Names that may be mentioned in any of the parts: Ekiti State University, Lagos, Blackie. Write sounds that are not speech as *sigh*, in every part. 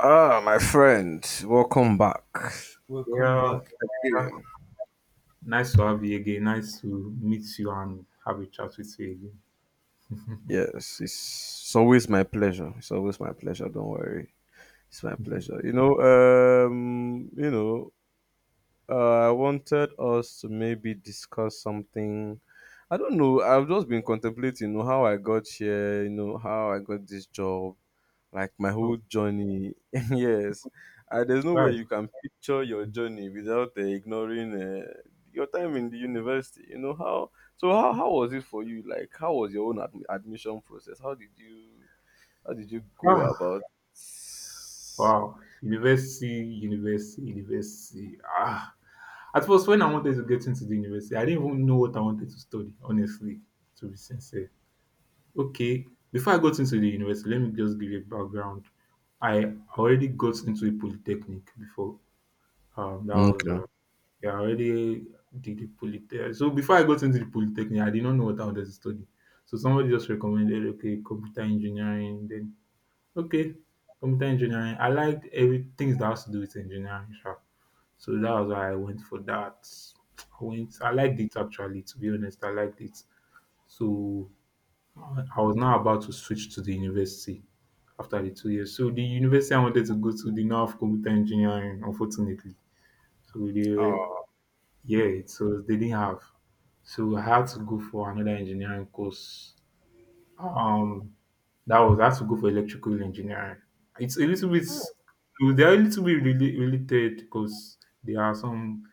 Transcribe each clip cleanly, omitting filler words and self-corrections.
Ah, my friend, welcome back. Welcome Yeah, back yeah. again. Nice to have you again. Nice to meet you and have a chat with you again. Yes, it's always my pleasure. It's always my pleasure. Don't worry, it's my *laughs* pleasure. I wanted us to maybe discuss something. I don't know. I've just been contemplating, you know, how I got here. You know, how I got this job, like my whole Oh, journey. *laughs* Yes, there's no way wow. you can picture your journey without ignoring your time in the university. You know how? So how was it for you? Like how was your own admission process? How did you go Ah, about? wow. University, university, university. Ah. At first, when I wanted to get into the university, I didn't even know what I wanted to study, honestly, to be sincere. Okay, before I got into the university, let me just give you a background. I already got into a polytechnic before. That was Okay. I already did the polytech. So before I got into the polytechnic, I did not know what I wanted to study. So somebody just recommended, okay, computer engineering. Then, okay, computer engineering. I liked every things that has to do with engineering. Sha. So that was why I went for that. I went. I liked it actually. To be honest, I liked it. So I was now about to switch to the university after the 2 years. So the university I wanted to go to did not have computer engineering, unfortunately. So they were, Oh, yeah, it was they didn't have. So I had to go for another engineering course. Um, that was I had to go for electrical engineering. It's a little bit, they're a little bit really related because there are some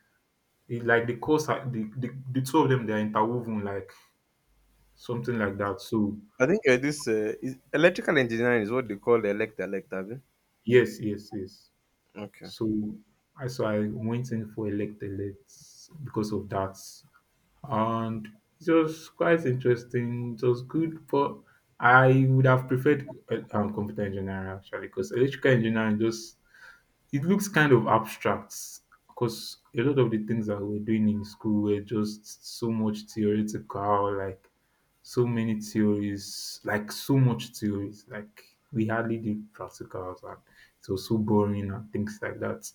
like the the two of them they are interwoven like something like that. So I think this is electrical engineering is what they call elect elect, have you? yes, yes, yes. Okay. So I went in for elect elect because of that. And it was quite interesting. It was good, but I would have preferred computer engineering actually because electrical engineering just it looks kind of abstract because a lot of the things that we're doing in school were just so much theoretical, like so many theories, like so much theories, like we hardly did practicals and it was so boring and things like that.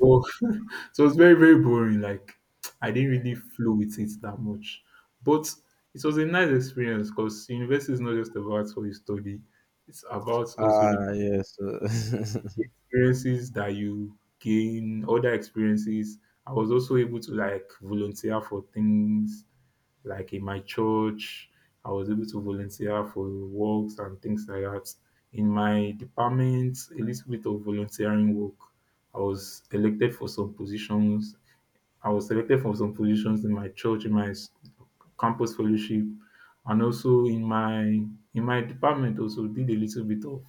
So *laughs* so it was very, very boring. Like, I didn't really flow with it that much. But it was a nice experience because university is not just about what you study, it's about also the Ah, yes. *laughs* experiences that you gain, other experiences. I was also able to like volunteer for things like in my church. I was able to volunteer for works and things like that. In my department, a little bit of volunteering work. I was elected for some positions. I was selected for some positions in my church, in my campus fellowship, and also in my department. Also did a little bit of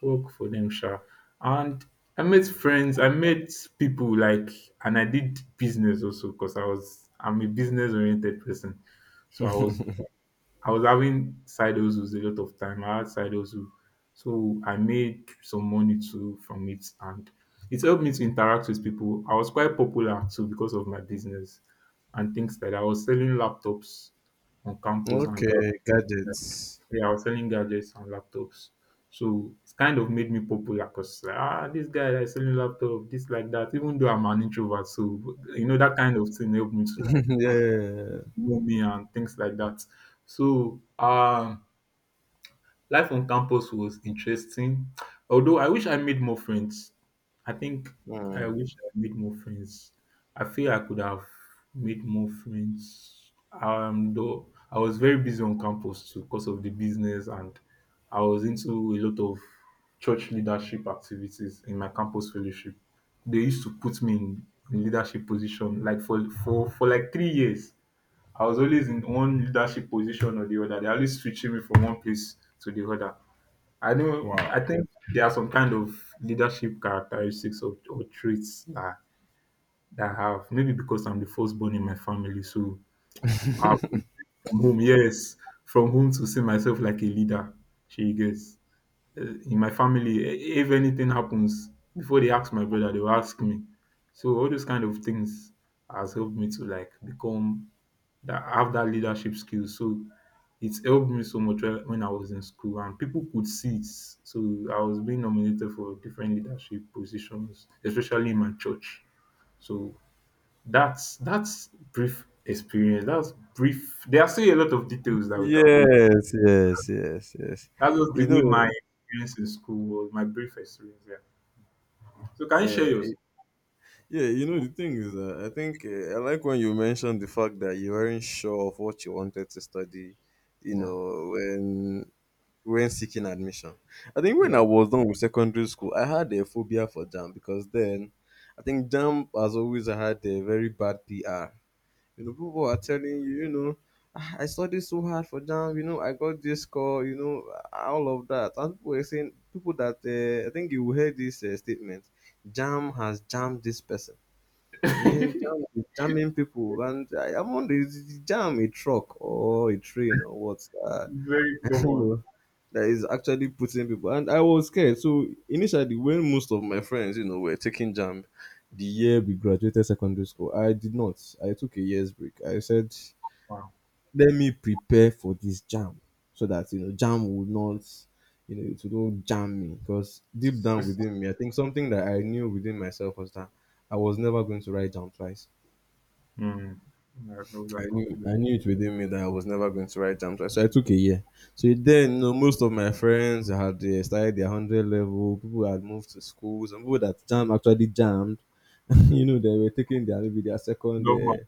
work for them sha. And I met friends, I met people like and I did business also because I'm a business oriented person. So I was having side hustles a lot of time. I had side hustle. So I made some money too from it and it helped me to interact with people. I was quite popular too because of my business and things like that. I was selling laptops on campus and gap Okay, gadgets. yeah, I was selling gadgets and laptops. So it's kind of made me popular because, ah, this guy that's selling laptop, this like that. Even though I'm an introvert, so you know that kind of thing helped me to *laughs* like Yeah. know me and things like that. So life on campus was interesting, although I wish I made more friends. I think I Hmm. wish I made more friends. I feel I could have made more friends. Though I was very busy on campus too because of the business, and I was into a lot of church leadership activities in my campus fellowship. They used to put me in leadership position like for like 3 years. I was always in one leadership position or the other. They're always switching me from one place to the other. I know. I think there are some kind of leadership characteristics or traits that I have. Maybe because I'm the firstborn in my family, so I from home. Yes, from home to see myself like a leader. She gets uh, in my family. If anything happens, before they ask my brother, they will ask me. So all those kind of things has helped me to like become that have that leadership skill. So it helped me so much when I was in school and people could see it. So I was being nominated for different leadership positions, especially in my church. So that's brief experience. That's brief. There are still a lot of details that we can go into. Yes, yes, yes, yes. That was You the way my know, experience in school was. My brief experience. Yeah. So can you share yeah, yours? yeah. You know, the thing is, I think I like when you mentioned the fact that you weren't sure of what you wanted to study. You Yeah. know, when seeking admission, I think when I Yeah. was done with secondary school, I had a phobia for jam, because then I think jam has always had a very bad PR. You know, people are telling you, you know, "Ah, I studied so hard for jam, you know, I got this score, you know, all of that." And people were saying, people that I think you will hear this statement, jam has jammed this person. You hear jam is jamming people, and I'm on the jam, a truck or a train or what. Very *laughs* I don't common. know, that is actually putting people. And I was scared. So initially, when most of my friends, you know, were taking jam, the year we graduated secondary school, I did not. I took a year's break. I said, Wow. let me prepare for this jam so that you know jam would not, you know, it will not jam me, because deep down *laughs* within me I think something that I knew within myself was that I was never going to write jam twice. Mm. Yeah, those are I knew, confident. I knew it within me that I was never going to write jam twice, so I took a year. So then you know most of my friends had started their 100 level, people had moved to schools. Some people that jam actually jammed, *laughs* you know they were taking their maybe Normal.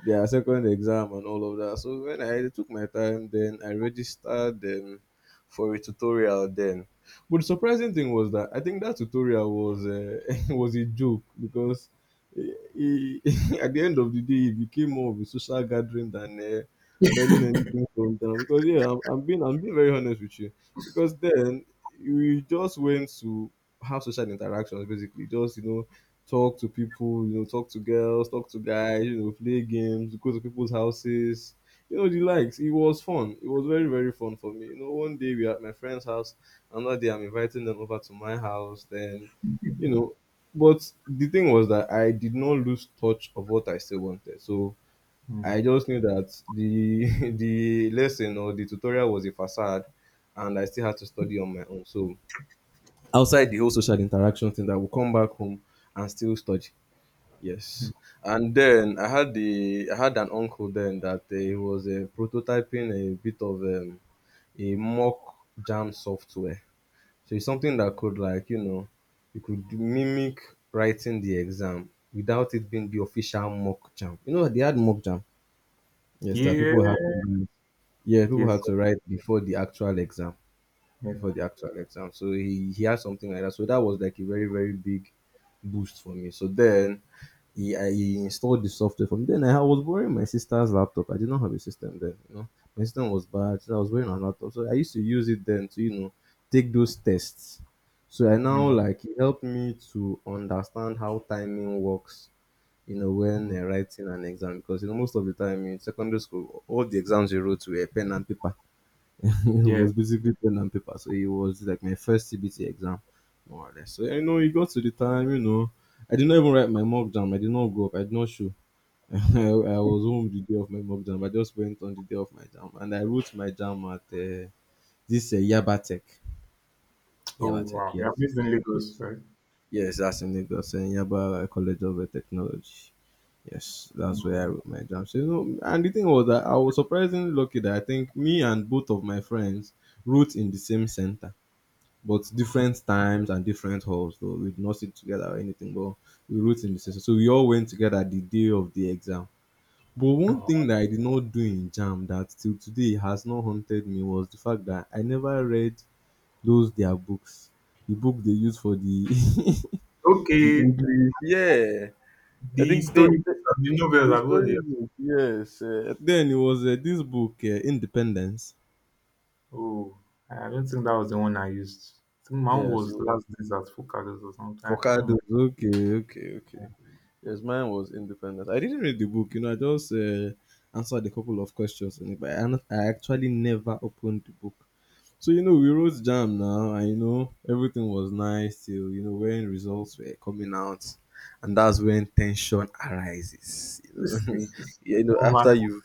their second exam and all of that. So when I took my time, then I registered for a tutorial then. But the surprising thing was that I think that tutorial was *laughs* was a joke because he, *laughs* at the end of the day it became more of a social gathering than learning anything from them. Because yeah, I'm being very honest with you because then we just went to have social interactions, basically just you know talk to people, you know, talk to girls, talk to guys, you know, play games, go to people's houses, you know, the likes. It was fun. It was very, very fun for me. You know, one day we are at my friend's house, another day I'm inviting them over to my house, then, you know, but the thing was that I did not lose touch of what I still wanted. So Mm. I just knew that the *laughs* the lesson or the tutorial was a facade and I still had to study on my own. So outside the whole social interaction thing, that will come back home and still study. Yes. And then I had an uncle then that he was prototyping a bit of a mock jam software. So it's something that could, like, you know, you could mimic writing the exam without it being the official mock jam. You know they had mock jam. Yes, that people Yeah. had to do. Yeah, people Yes. had to write before the actual exam. Yeah. Before the actual exam. So he had something like that. So that was like a very, very big boost for me. So then he installed the software for me. Then I was borrowing my sister's laptop. I did not have a system then, you know. My system was bad, so I was borrowing her laptop. So I used to use it then to, you know, take those tests. So I now, Mm, like, it helped me to understand how timing works, you know, when mm. Writing an exam, because you know most of the time in secondary school all the exams you wrote were pen and paper. *laughs* It Yeah. was basically pen and paper. So it was like my first CBT exam, more or less. So I know it got to the time, you know, I did not even write my mock jam. I did not go up. I did not show. *laughs* I was home the day of my mock jam. I just went on the day of my jam, and I wrote my jam at this Yabatek. Oh Yabatek, wow. yes, You're based in Lagos, yes. right? Yes, that's in Lagos, in Yaba College of Technology. Yes, that's where I Mm. wrote my exam. So, you know, and the thing was that I was surprisingly lucky that I think me and both of my friends wrote in the same center, but different times and different halls. Though we did not sit together or anything, but we wrote in the same. So we all went together the day of the exam. But one thing that I did not do in jam that till today has not haunted me was the fact that I never read those their books, the book they use for the *laughs* the Okay. English. Yeah, I The think that story books and the novels, the I've got story it. book. Yes, then it was this book, Independence. Oh, I don't think that was the one I used. I think my Yes, it was was. Last Days at Focados or something. I can't remember. Focados. *laughs* Okay, okay, okay. Yes, mine was Independence. I didn't read the book. You know, I just answered a couple of questions in it, but I actually never opened the book. So you know, we wrote jam now, and you know everything was nice till you know when results were coming out, and that's when tension arises. You This know, this is *laughs* you know normal.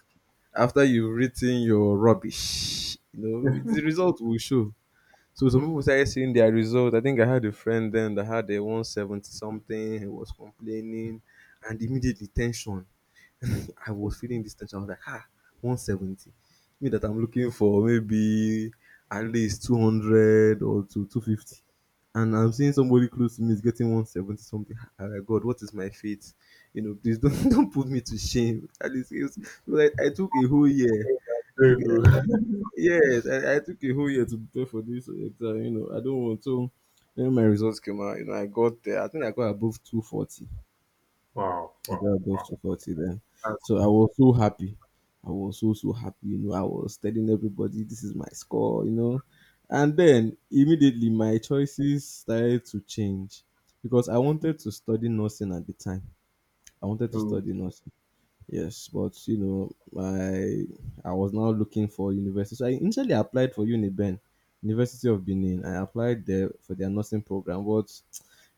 after you've written your rubbish, you know, the result will show. So some people started seeing their result. I think I had a friend then that had a 170 something. He was complaining, and immediately tension. *laughs* I was feeling this tension. I was like, ah, 170. Me that I'm looking for maybe at least 200 or to 250. And I'm seeing somebody close to me is getting 170 something. *laughs* I'm like, God, what is my fate? You know, please don't *laughs* don't put me to shame. At least it was, like I took a whole year, Very good. *laughs* yes, I took a whole year to prepare for this exam. You know, I don't want to. When my results came out, you know, I got there. I think I got above 240. Wow, I wow, got above wow. 240 then. That's So I nice. was so happy. I was so, so happy. You know, I was telling everybody, this is my score, you know. And then immediately my choices started to change because I wanted to study nursing at the time. I wanted to Oh, study nursing. Yes, but you know, I I was now looking for university. So I initially applied for UniBen, University of Benin. I applied there for their nursing program, but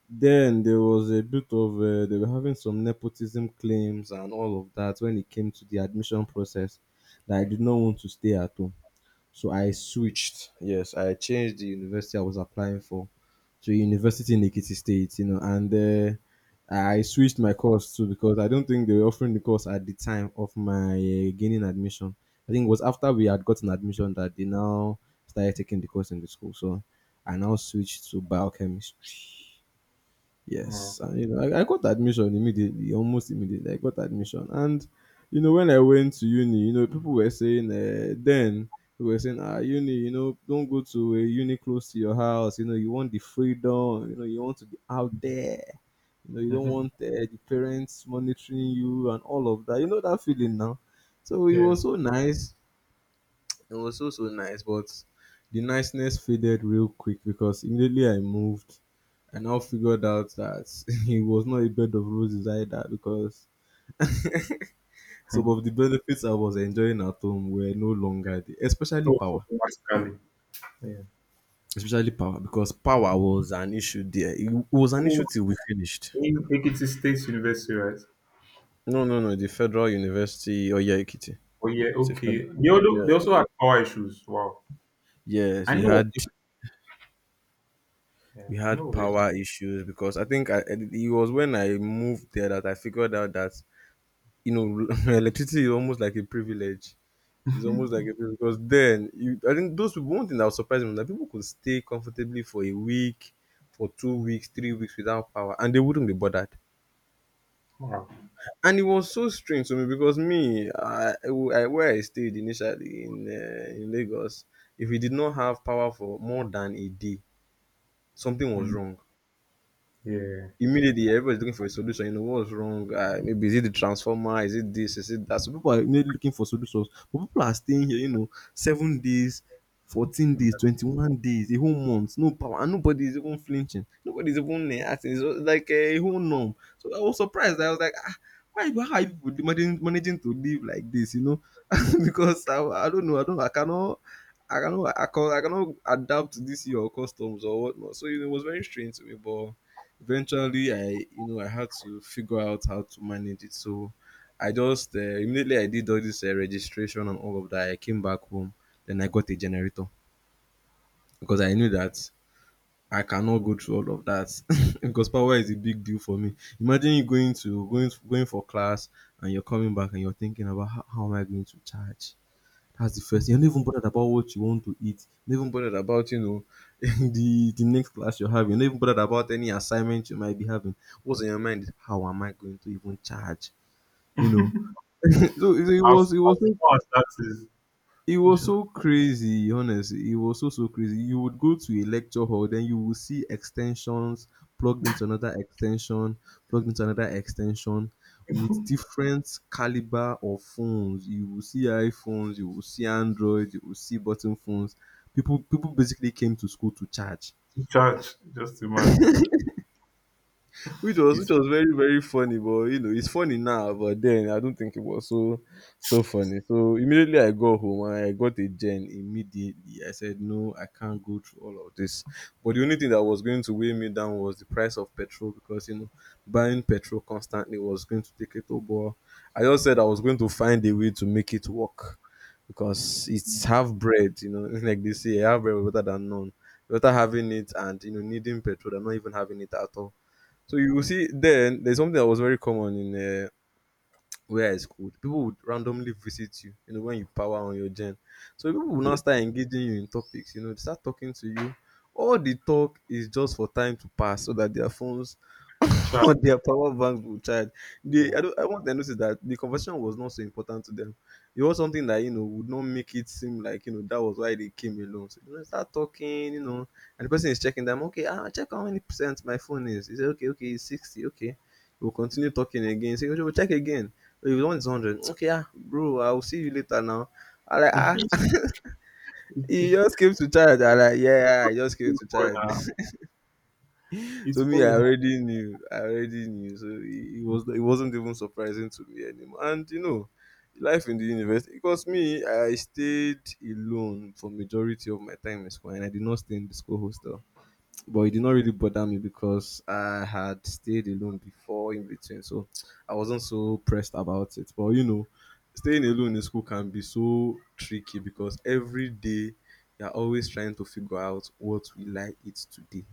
then there was a bit of they were having some nepotism claims and all of that when it came to the admission process. That I did not want to stay at home. So I switched. Yes, I changed the university I was applying for to a university in Ekiti State, you know, and I switched my course too because I don't think they were offering the course at the time of my gaining admission. I think it was after we had gotten admission that they now started taking the course in the school. So I now switched to biochemistry. wow. Yes, and you know, I got admission immediately, almost immediately. I got admission, and you know, when I went to uni, you know, people were saying then they were saying, ah, uni, you know, don't go to a uni close to your house. You know, you want the freedom. You know, you want to be out there. You know, you don't want *laughs* the parents monitoring you and all of that. You know that feeling now. So it yeah. was so nice, it was so, so nice, but the niceness faded real quick because immediately I moved, I now figured out that *laughs* it was not a bed of roses either because some of *laughs* the benefits I was enjoying at home were no longer there, especially So power. automatically. Yeah. Especially power because power was an issue there. It was an issue Oh, till we finished. in Ekiti State University, right? No, no, no. The Federal University Oyeikiti. Oh yeah, It's a okay. fed- yeah. They also had power issues. Wow, Yes, I he know of had it. Yeah, we I know had of it. power issues because I think it was when I moved there that I figured out that you know, *laughs* electricity is almost like a privilege. It's almost like a privilege because then you, I think those people. One thing that was surprising was that people could stay comfortably for a week, for 2 weeks, 3 weeks without power, and they wouldn't be bothered. Wow. And it was so strange to me because me, I where I stayed initially in Lagos, if we did not have power for more than a day, something was Mm, wrong. yeah. Immediately everybody's looking for a solution. You know what's wrong? Maybe is it the transformer? Is it this? Is it that? So people are immediately looking for solutions. But people are staying here, you know, 7 days, 14 days, 21 days, a whole month, no power, and nobody is even flinching. Nobody is even acting. It's just like a whole norm. So I was surprised. I was like, ah, why? How are you people managing, managing to live like this? You know, *laughs* because I don't know. I don't. I cannot. I cannot adapt to this your customs or whatnot. So you know, it was very strange to me, but eventually I you know I had to figure out how to manage it. So I just immediately I did all this registration and all of that. I came back home, then I got a generator, because I knew that I cannot go through all of that. *laughs* Because power is a big deal for me. Imagine you going to going going for class, and you're coming back and you're thinking about how am I going to charge. That's the first thing. You're not even bothered about what you want to eat. You're not even bothered about, *laughs* the next class you're having. You're not even bothered about any assignment you might be having. What's in your mind is, how am I going to even charge? You know. *laughs* So As far as that is, it you was should not so crazy, honestly. It was so, so crazy. You would go to a lecture hall, then you will see extensions plugged into another extension, plugged into another extension with different caliber of phones. You will see iPhones, you will see Android, you will see button phones. People basically came to school to charge. to charge. Just imagine. which was which It's was very very funny, but it's funny now, but then I don't think it was so so funny. So immediately I got home and I got a gen. Immediately I said, no, I can't go through all of this. But the only thing that was going to weigh me down was the price of petrol, because buying petrol constantly was going to take it over. I just said I was going to find a way to make it work, because it's half bread. *laughs* Like they say, half bread is better than none. Better having it and needing petrol than not even having it at all. So you will see, then there's something that was very common in uh, where I schooled. People would randomly visit you, when you power on your gen. So people will now it's start engaging you in topics, they start talking to you. All the talk is just for time to pass so that their phones *laughs* charge. on their power banks will charge. They, I Yeah. don't, I want to notice that the conversation was not so important to them. It was something that would not make it seem like that was why they came alone. So start talking, and the person is checking them. Okay, check how many percent my phone is. He said, okay, okay, it's 60. Okay, we'll continue talking again. So we'll check again. Oh, you want hundred? Okay, bro, I will see you later now. I like *laughs* *laughs* he Okay. just came to charge. I like yeah, I just came It's to for charge. now. It's So for me, I now. already knew. I already knew. So it wasn't even surprising to me anymore. And life in the university, because me, I stayed alone for majority of my time in school, and I did not stay in the school hostel. But it did not really bother me because I had stayed alone before in between, so I wasn't so pressed about it. But staying alone in school can be so tricky, because every day you're always trying to figure out, what will I eat today?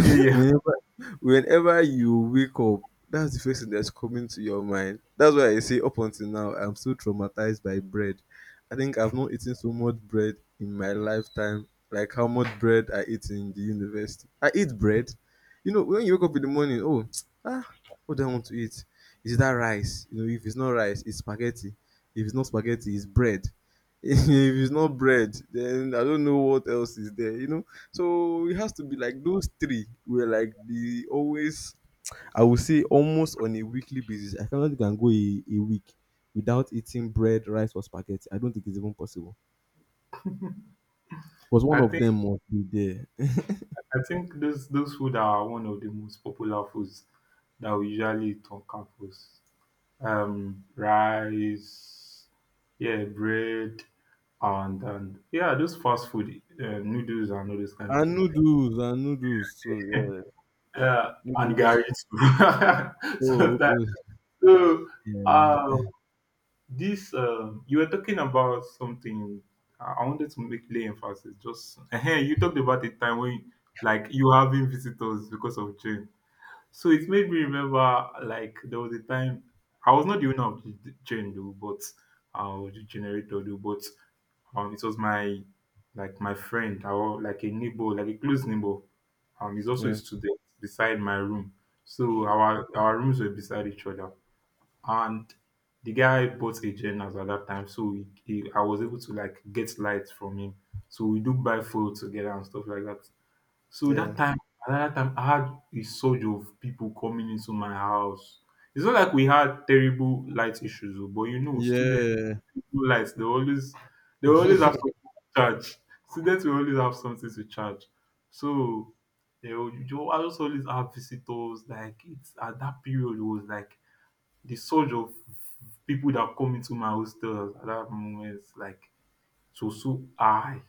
Yeah, *laughs* yeah. whenever whenever you wake up, that's the first thing that's coming to your mind. That's why I say, up until now I'm still traumatized by bread. I think I've not eaten so much bread in my lifetime, like how much bread I eat in the university. I eat bread, when you wake up in the morning. Oh, *tsk* ah, what do I want to eat? Is that rice? If it's not rice, it's spaghetti. If it's not spaghetti, it's bread. *laughs* If it's not bread, then I don't know what else is there. So it has to be like those three were like the always. I would say almost on a weekly basis. I cannot think I can go a week without eating bread, rice or spaghetti. I don't think it's even possible, because one I of think them must be there. I think those food are one of the most popular foods that we usually eat on campus. Rice, yeah, bread, and yeah, those fast food noodles and all those kind *laughs* of And thing. noodles, and noodles too, yeah. And Noodles. Gary too. *laughs* Oh, So that okay. so Yeah. um, this you were talking about something. I wanted to make lay emphasis. Just *laughs* you talked about the time when like you having visitors because of Jane. So it made me remember like there was a time I was not the owner of the gen though, but the generator though, but it was my like my friend or like a neighbor, like a close neighbor. He's also a Yeah. student beside my room, so our rooms were beside each other, and the guy bought a gen as at that time, so I was able to like get lights from him. So we do buy food together and stuff like that. So Yeah. that time another time I had a surge of people coming into my house. It's not like we had terrible light issues oh, but you know students Yeah. people lights they always have something to charge. *laughs* Students will always have something to charge. So they will I just always have visitors like it's at that period it was like the surge of people that come into my hostel at that moment like so, so high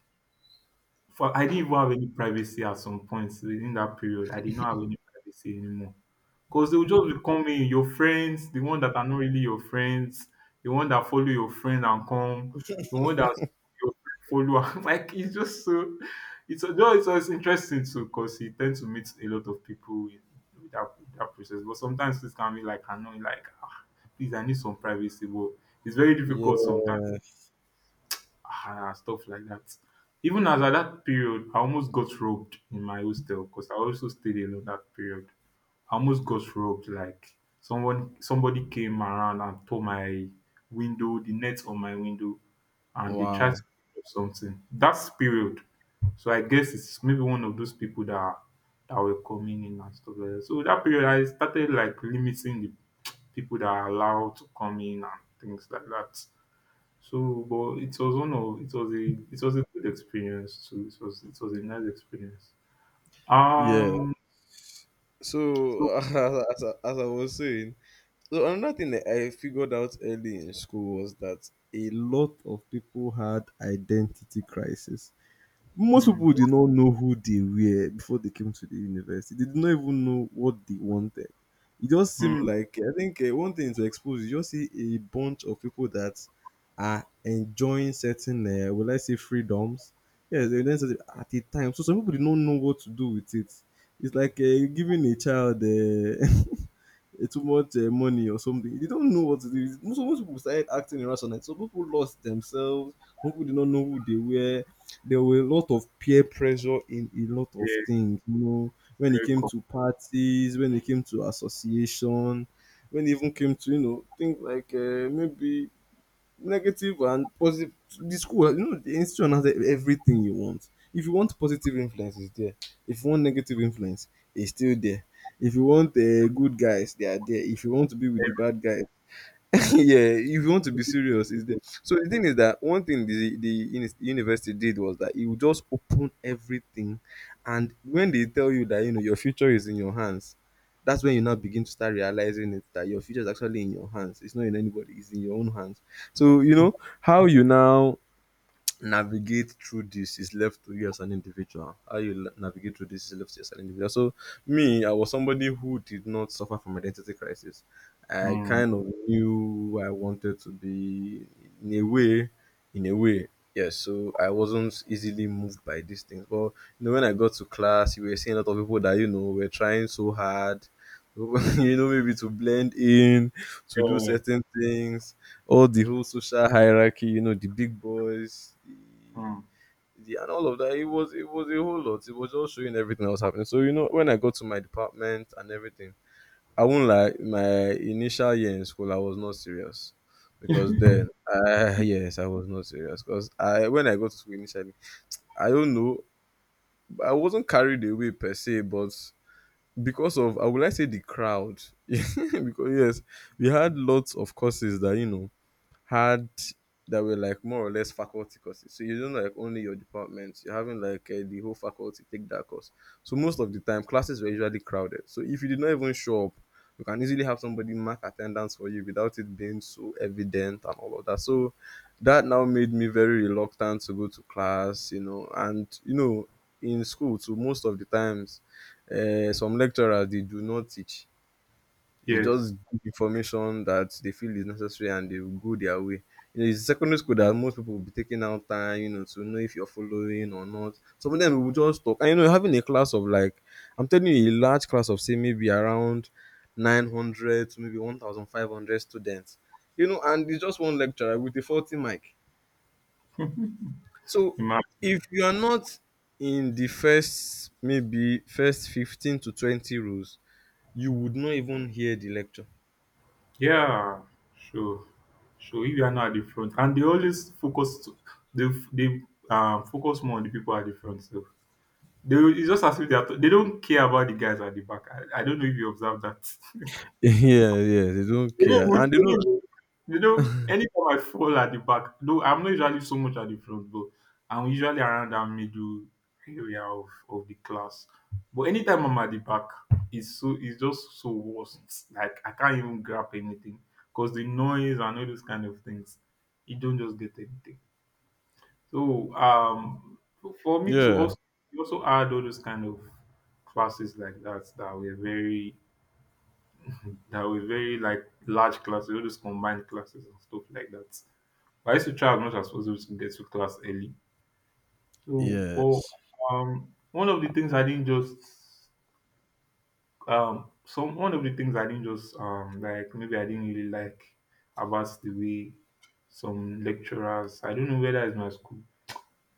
for I didn't even have any privacy at some points within that period. I did not have any privacy anymore. Because they would just be coming, your friends, the one that are not really your friends, the one that follow your friend and come, the one that your friend follow. *laughs* And like it's just so it's just interesting too because you tend to meet a lot of people with with that process. But sometimes it can be like annoying, like, ah, please I need some privacy. But it's very difficult sometimes, Yeah. ah, stuff like that. Even as at that period, I almost got robbed in my hostel because I also stayed alone that period. I almost got robbed. Like somebody came around and tore my window, the net on my window, and they tried Wow. to pick up something. That's period. So I guess it's maybe one of those people that were coming in and stuff like that. So that period, I started like limiting the people that are allowed to come in and things like that. So, but it was one of it was a good experience too. It was a nice experience. Yeah. Um, so So *laughs* as I was saying, so another thing that I figured out early in school was that a lot of people had identity crisis. Most mm, people did not know who they were before they came to the university. They did not even know what they wanted. It just seemed mm, like, I think one thing to expose. You just see a bunch of people that are enjoying certain, will I say, freedoms? Yes, they enjoying certain at the time. So some people did not know what to do with it. It's like giving a child *laughs* too much money or something. They don't know what to do. Most people started acting irrational. Some people lost themselves. Some people did not know who they were. There were a lot of peer pressure in a lot of yeah, things. You know, when it very came cool. to parties, when it came to association, when it even came to things like maybe negative and positive, the school, the institution has everything you want. If you want positive influence, it's there. If you want negative influence, it's still there. If you want good guys, they are there. If you want to be with the bad guys, *laughs* yeah, if you want to be serious, is there. So the thing is that one thing the university did was that it would just open everything, and when they tell you that your future is in your hands, that's when you now begin to start realizing it, that your future is actually in your hands. It's not in anybody. It's in your own hands. So how you now navigate through this is left to you as an individual. How you navigate through this is left to you as an individual. So, me, I was somebody who did not suffer from identity crisis. I Mm, kind of knew who I wanted to be, in a way, in a way. Yes, so I wasn't easily moved by these things. But when I got to class, you were seeing a lot of people that were trying so hard, *laughs* maybe to blend in, to do yeah, certain things, all the whole social hierarchy, you know, the big boys, mm, the and all of that. It was a whole lot. It was just showing everything that was happening. So when I got to my department and everything, I won't lie, my initial year in school I was not serious, because then, yes, I was not serious, because I when I got to school initially, I don't know, I wasn't carried away per se, but because of, I would like say, the crowd, *laughs* because yes, we had lots of courses that you know had that were like more or less faculty courses. So you don't like only your department, you're having like the whole faculty take that course. So most of the time, classes were usually crowded. So if you did not even show up, you can easily have somebody mark attendance for you without it being so evident and all of that. So that now made me very reluctant to go to class, in school. So most of the times, some lecturers they do not teach. They just yes. give information that they feel is necessary, and they will go their way. It's secondary school that most people will be taking out time, to know if you're following or not. Some of them will just talk. And having a class of like, I'm telling you, a large class of say maybe around 900 to maybe 1,500 students, and it's just one lecturer with a 40 mic. So Ima- if you are not in the first, maybe first 15 to 20 rows, you would not even hear the lecture. Yeah, sure, sure. If you are not at the front, and they always they they focus more on the people at the front. So they will- it's just as if they are, they don't care about the guys at the back. I don't know if you observe that. *laughs* *laughs* Yeah, yeah, they don't They don't care, even, and they they don't don't. even, they don't, anytime I fall at the back, though I'm not usually so much at the front, but I'm usually around that middle area of the class. But anytime I'm at the back, it's so it's just so worst. Like I can't even grab anything because the noise and all those kind of things, you don't just get anything. So um, for me to Yeah, also you also add all those kind of classes like that that were very like large classes, all those combined classes and stuff like that. But I used to try as much as possible to get to class early. So, but yes, One of the things I didn't just some one of the things I didn't just like maybe I didn't really like about the way some lecturers. I don't know whether it's my school.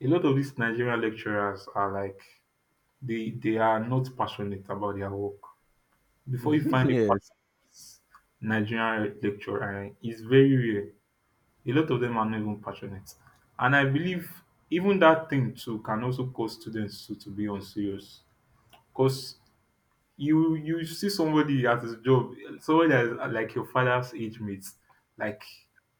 A lot of these Nigerian lecturers are like they are not passionate about their work. Before you *laughs* find a yes, Nigerian lecturer and is very rare. A lot of them are not even passionate, and I believe even that thing too can also cause students to be unserious, cause you see somebody at his job, somebody that is like your father's age mates, like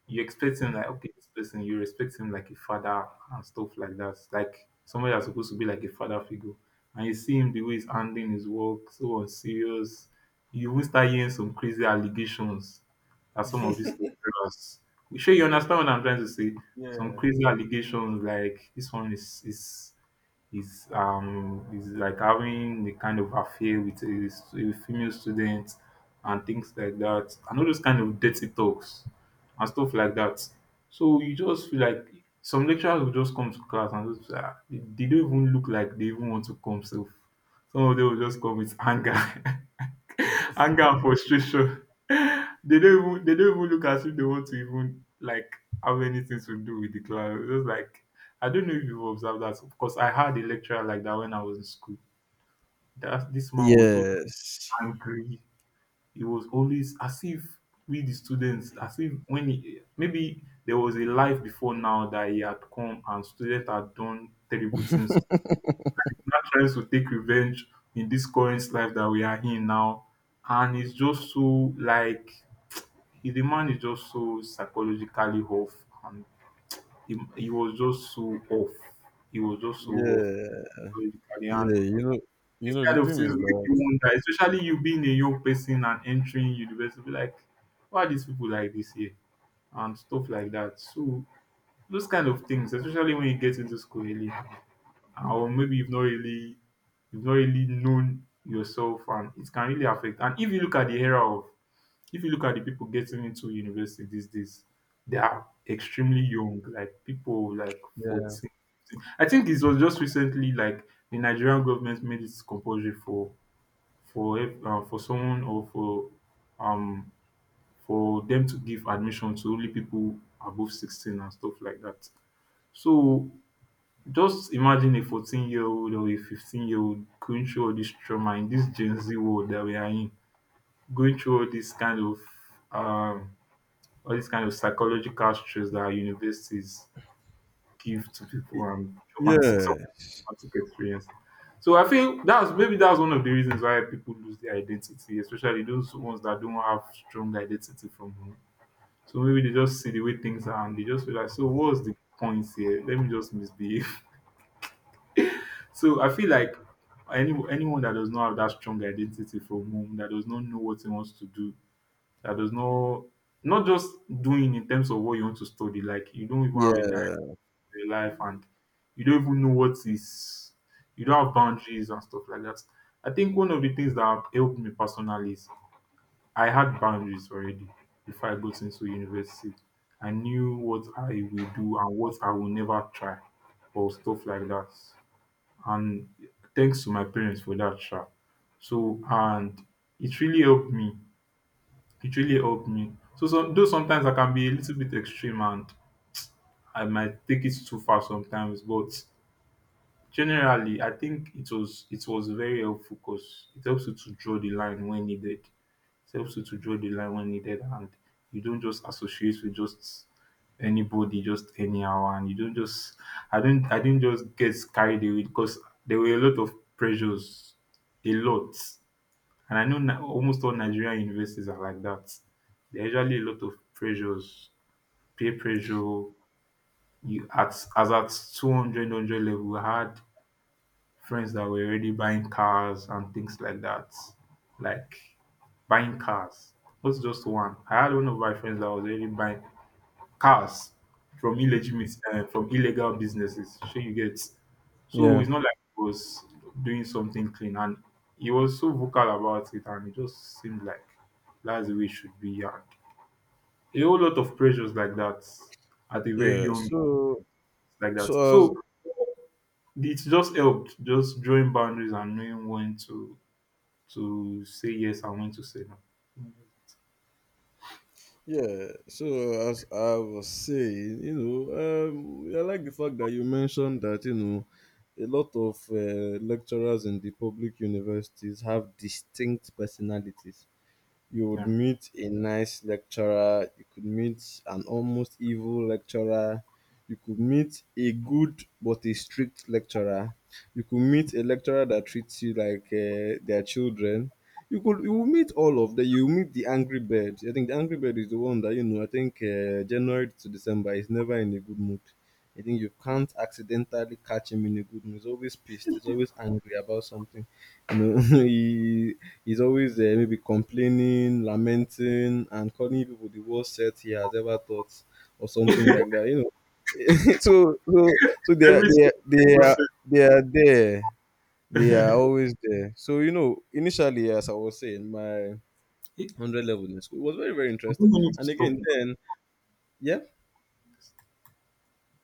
you expect him like okay, this person you respect him like a father and stuff like that, like somebody that's supposed to be like a father figure, and you see him the way he's handling his work, so unserious. You even start hearing some crazy allegations that some of these lecturers. You sure you understand what I'm trying to say? Some crazy allegations like this one is like having a kind of affair with a female student and things like that and all those kind of dirty talks and stuff like that, so you just feel like some lecturers will just come to class and just ah, they don't even look like they even want to come, so some of them will just come with anger. *laughs* Anger and frustration. *laughs* They don't even look as if they want to even like have anything to do with the class. It's just like I don't know if you've observed that, because I had a lecturer like that when I was in school. That this man was so yes, angry. He was always as if we the students, as if when he maybe there was a life before now that he had come and students had done terrible things. Not trying to take revenge in this current life that we are in now, and it's just so like if the man is just so psychologically off, and he was just so off. He was just so off yeah, psychologically, and yeah. You know, you this know. The kind of thing things is make that, you wonder, especially you being a young person and entering university, be like, why are these people like this here? And stuff like that. So those kind of things, especially when you get into school early or maybe you've not really known yourself, and it can really affect. And if you look at the era of if you look at the people getting into university these days, they are extremely young, like people like yeah, 14. I think it was just recently like the Nigerian government made it compulsory for for someone or um for them to give admission to only people above 16 and stuff like that. So just imagine a 14-year-old or a 15-year-old going through all this trauma in this Gen Z world that we are in, going through all this kind of um all this kind of psychological stress that our universities give to people, y- and traumatic some yeah, traumatic experience. So I feel that's maybe that's one of the reasons why people lose their identity, especially those ones that don't have strong identity from home. So maybe they just see the way things are and they just feel like, so what's the point here? Let me just misbehave. So I feel like anyone that does not have that strong identity from home, that does not know what he wants to do, that does not not just doing in terms of what you want to study, like you don't even have a direction yeah, in your life, and you don't even know what is you don't have boundaries and stuff like that. I think one of the things that have helped me personally is I had boundaries already before I got into university. I knew what I will do and what I will never try or stuff like that, and thanks to my parents for that sha. So and it really helped me. It really helped me. So some though sometimes I can be a little bit extreme and I might take it too far sometimes, but generally I think it was very helpful because it helps you to draw the line when needed, helps you to draw the line when needed, and you don't just associate with just anybody just anyhow, and you don't just I didn't just get carried away, because there were a lot of pressures, a lot, and I know almost all Nigerian universities are like that. There are usually a lot of pressures, peer pressure. You at as at 200 level I had friends that were already buying cars and things like that. Like buying cars. Not just one. I had one of my friends that was already buying cars from illegitimate from illegal businesses. So you get so yeah, it's not like he was doing something clean, and he was so vocal about it, and it just seemed like that's the way it should be, and a whole lot of pressures like that at a very yeah. young age So, like that. so as So it's just helped just drawing boundaries and knowing when to say yes and when to say no. yeah, so as I was saying, I like the fact that you mentioned that a lot of lecturers in the public universities have distinct personalities. You would Yeah. meet a nice lecturer, you could meet an almost evil lecturer, you could meet a good but a strict lecturer, you could meet a lecturer that treats you like their children. You will meet all of them. You will meet the angry bird. I think the angry bird is the one that, I think January to December is never in a good mood. I think you can't accidentally catch him in a good mood. He's always pissed. He's always angry about something. You know, *laughs* he he's always maybe complaining, lamenting, and calling people the worst set he has ever thought, or something *laughs* like that. You know, *laughs* they are Every they are, single they are person. they are there. They are *laughs* always there. So initially, as I was saying, my I 100 level in school it was very very don't interesting. need to And stop again, then yeah,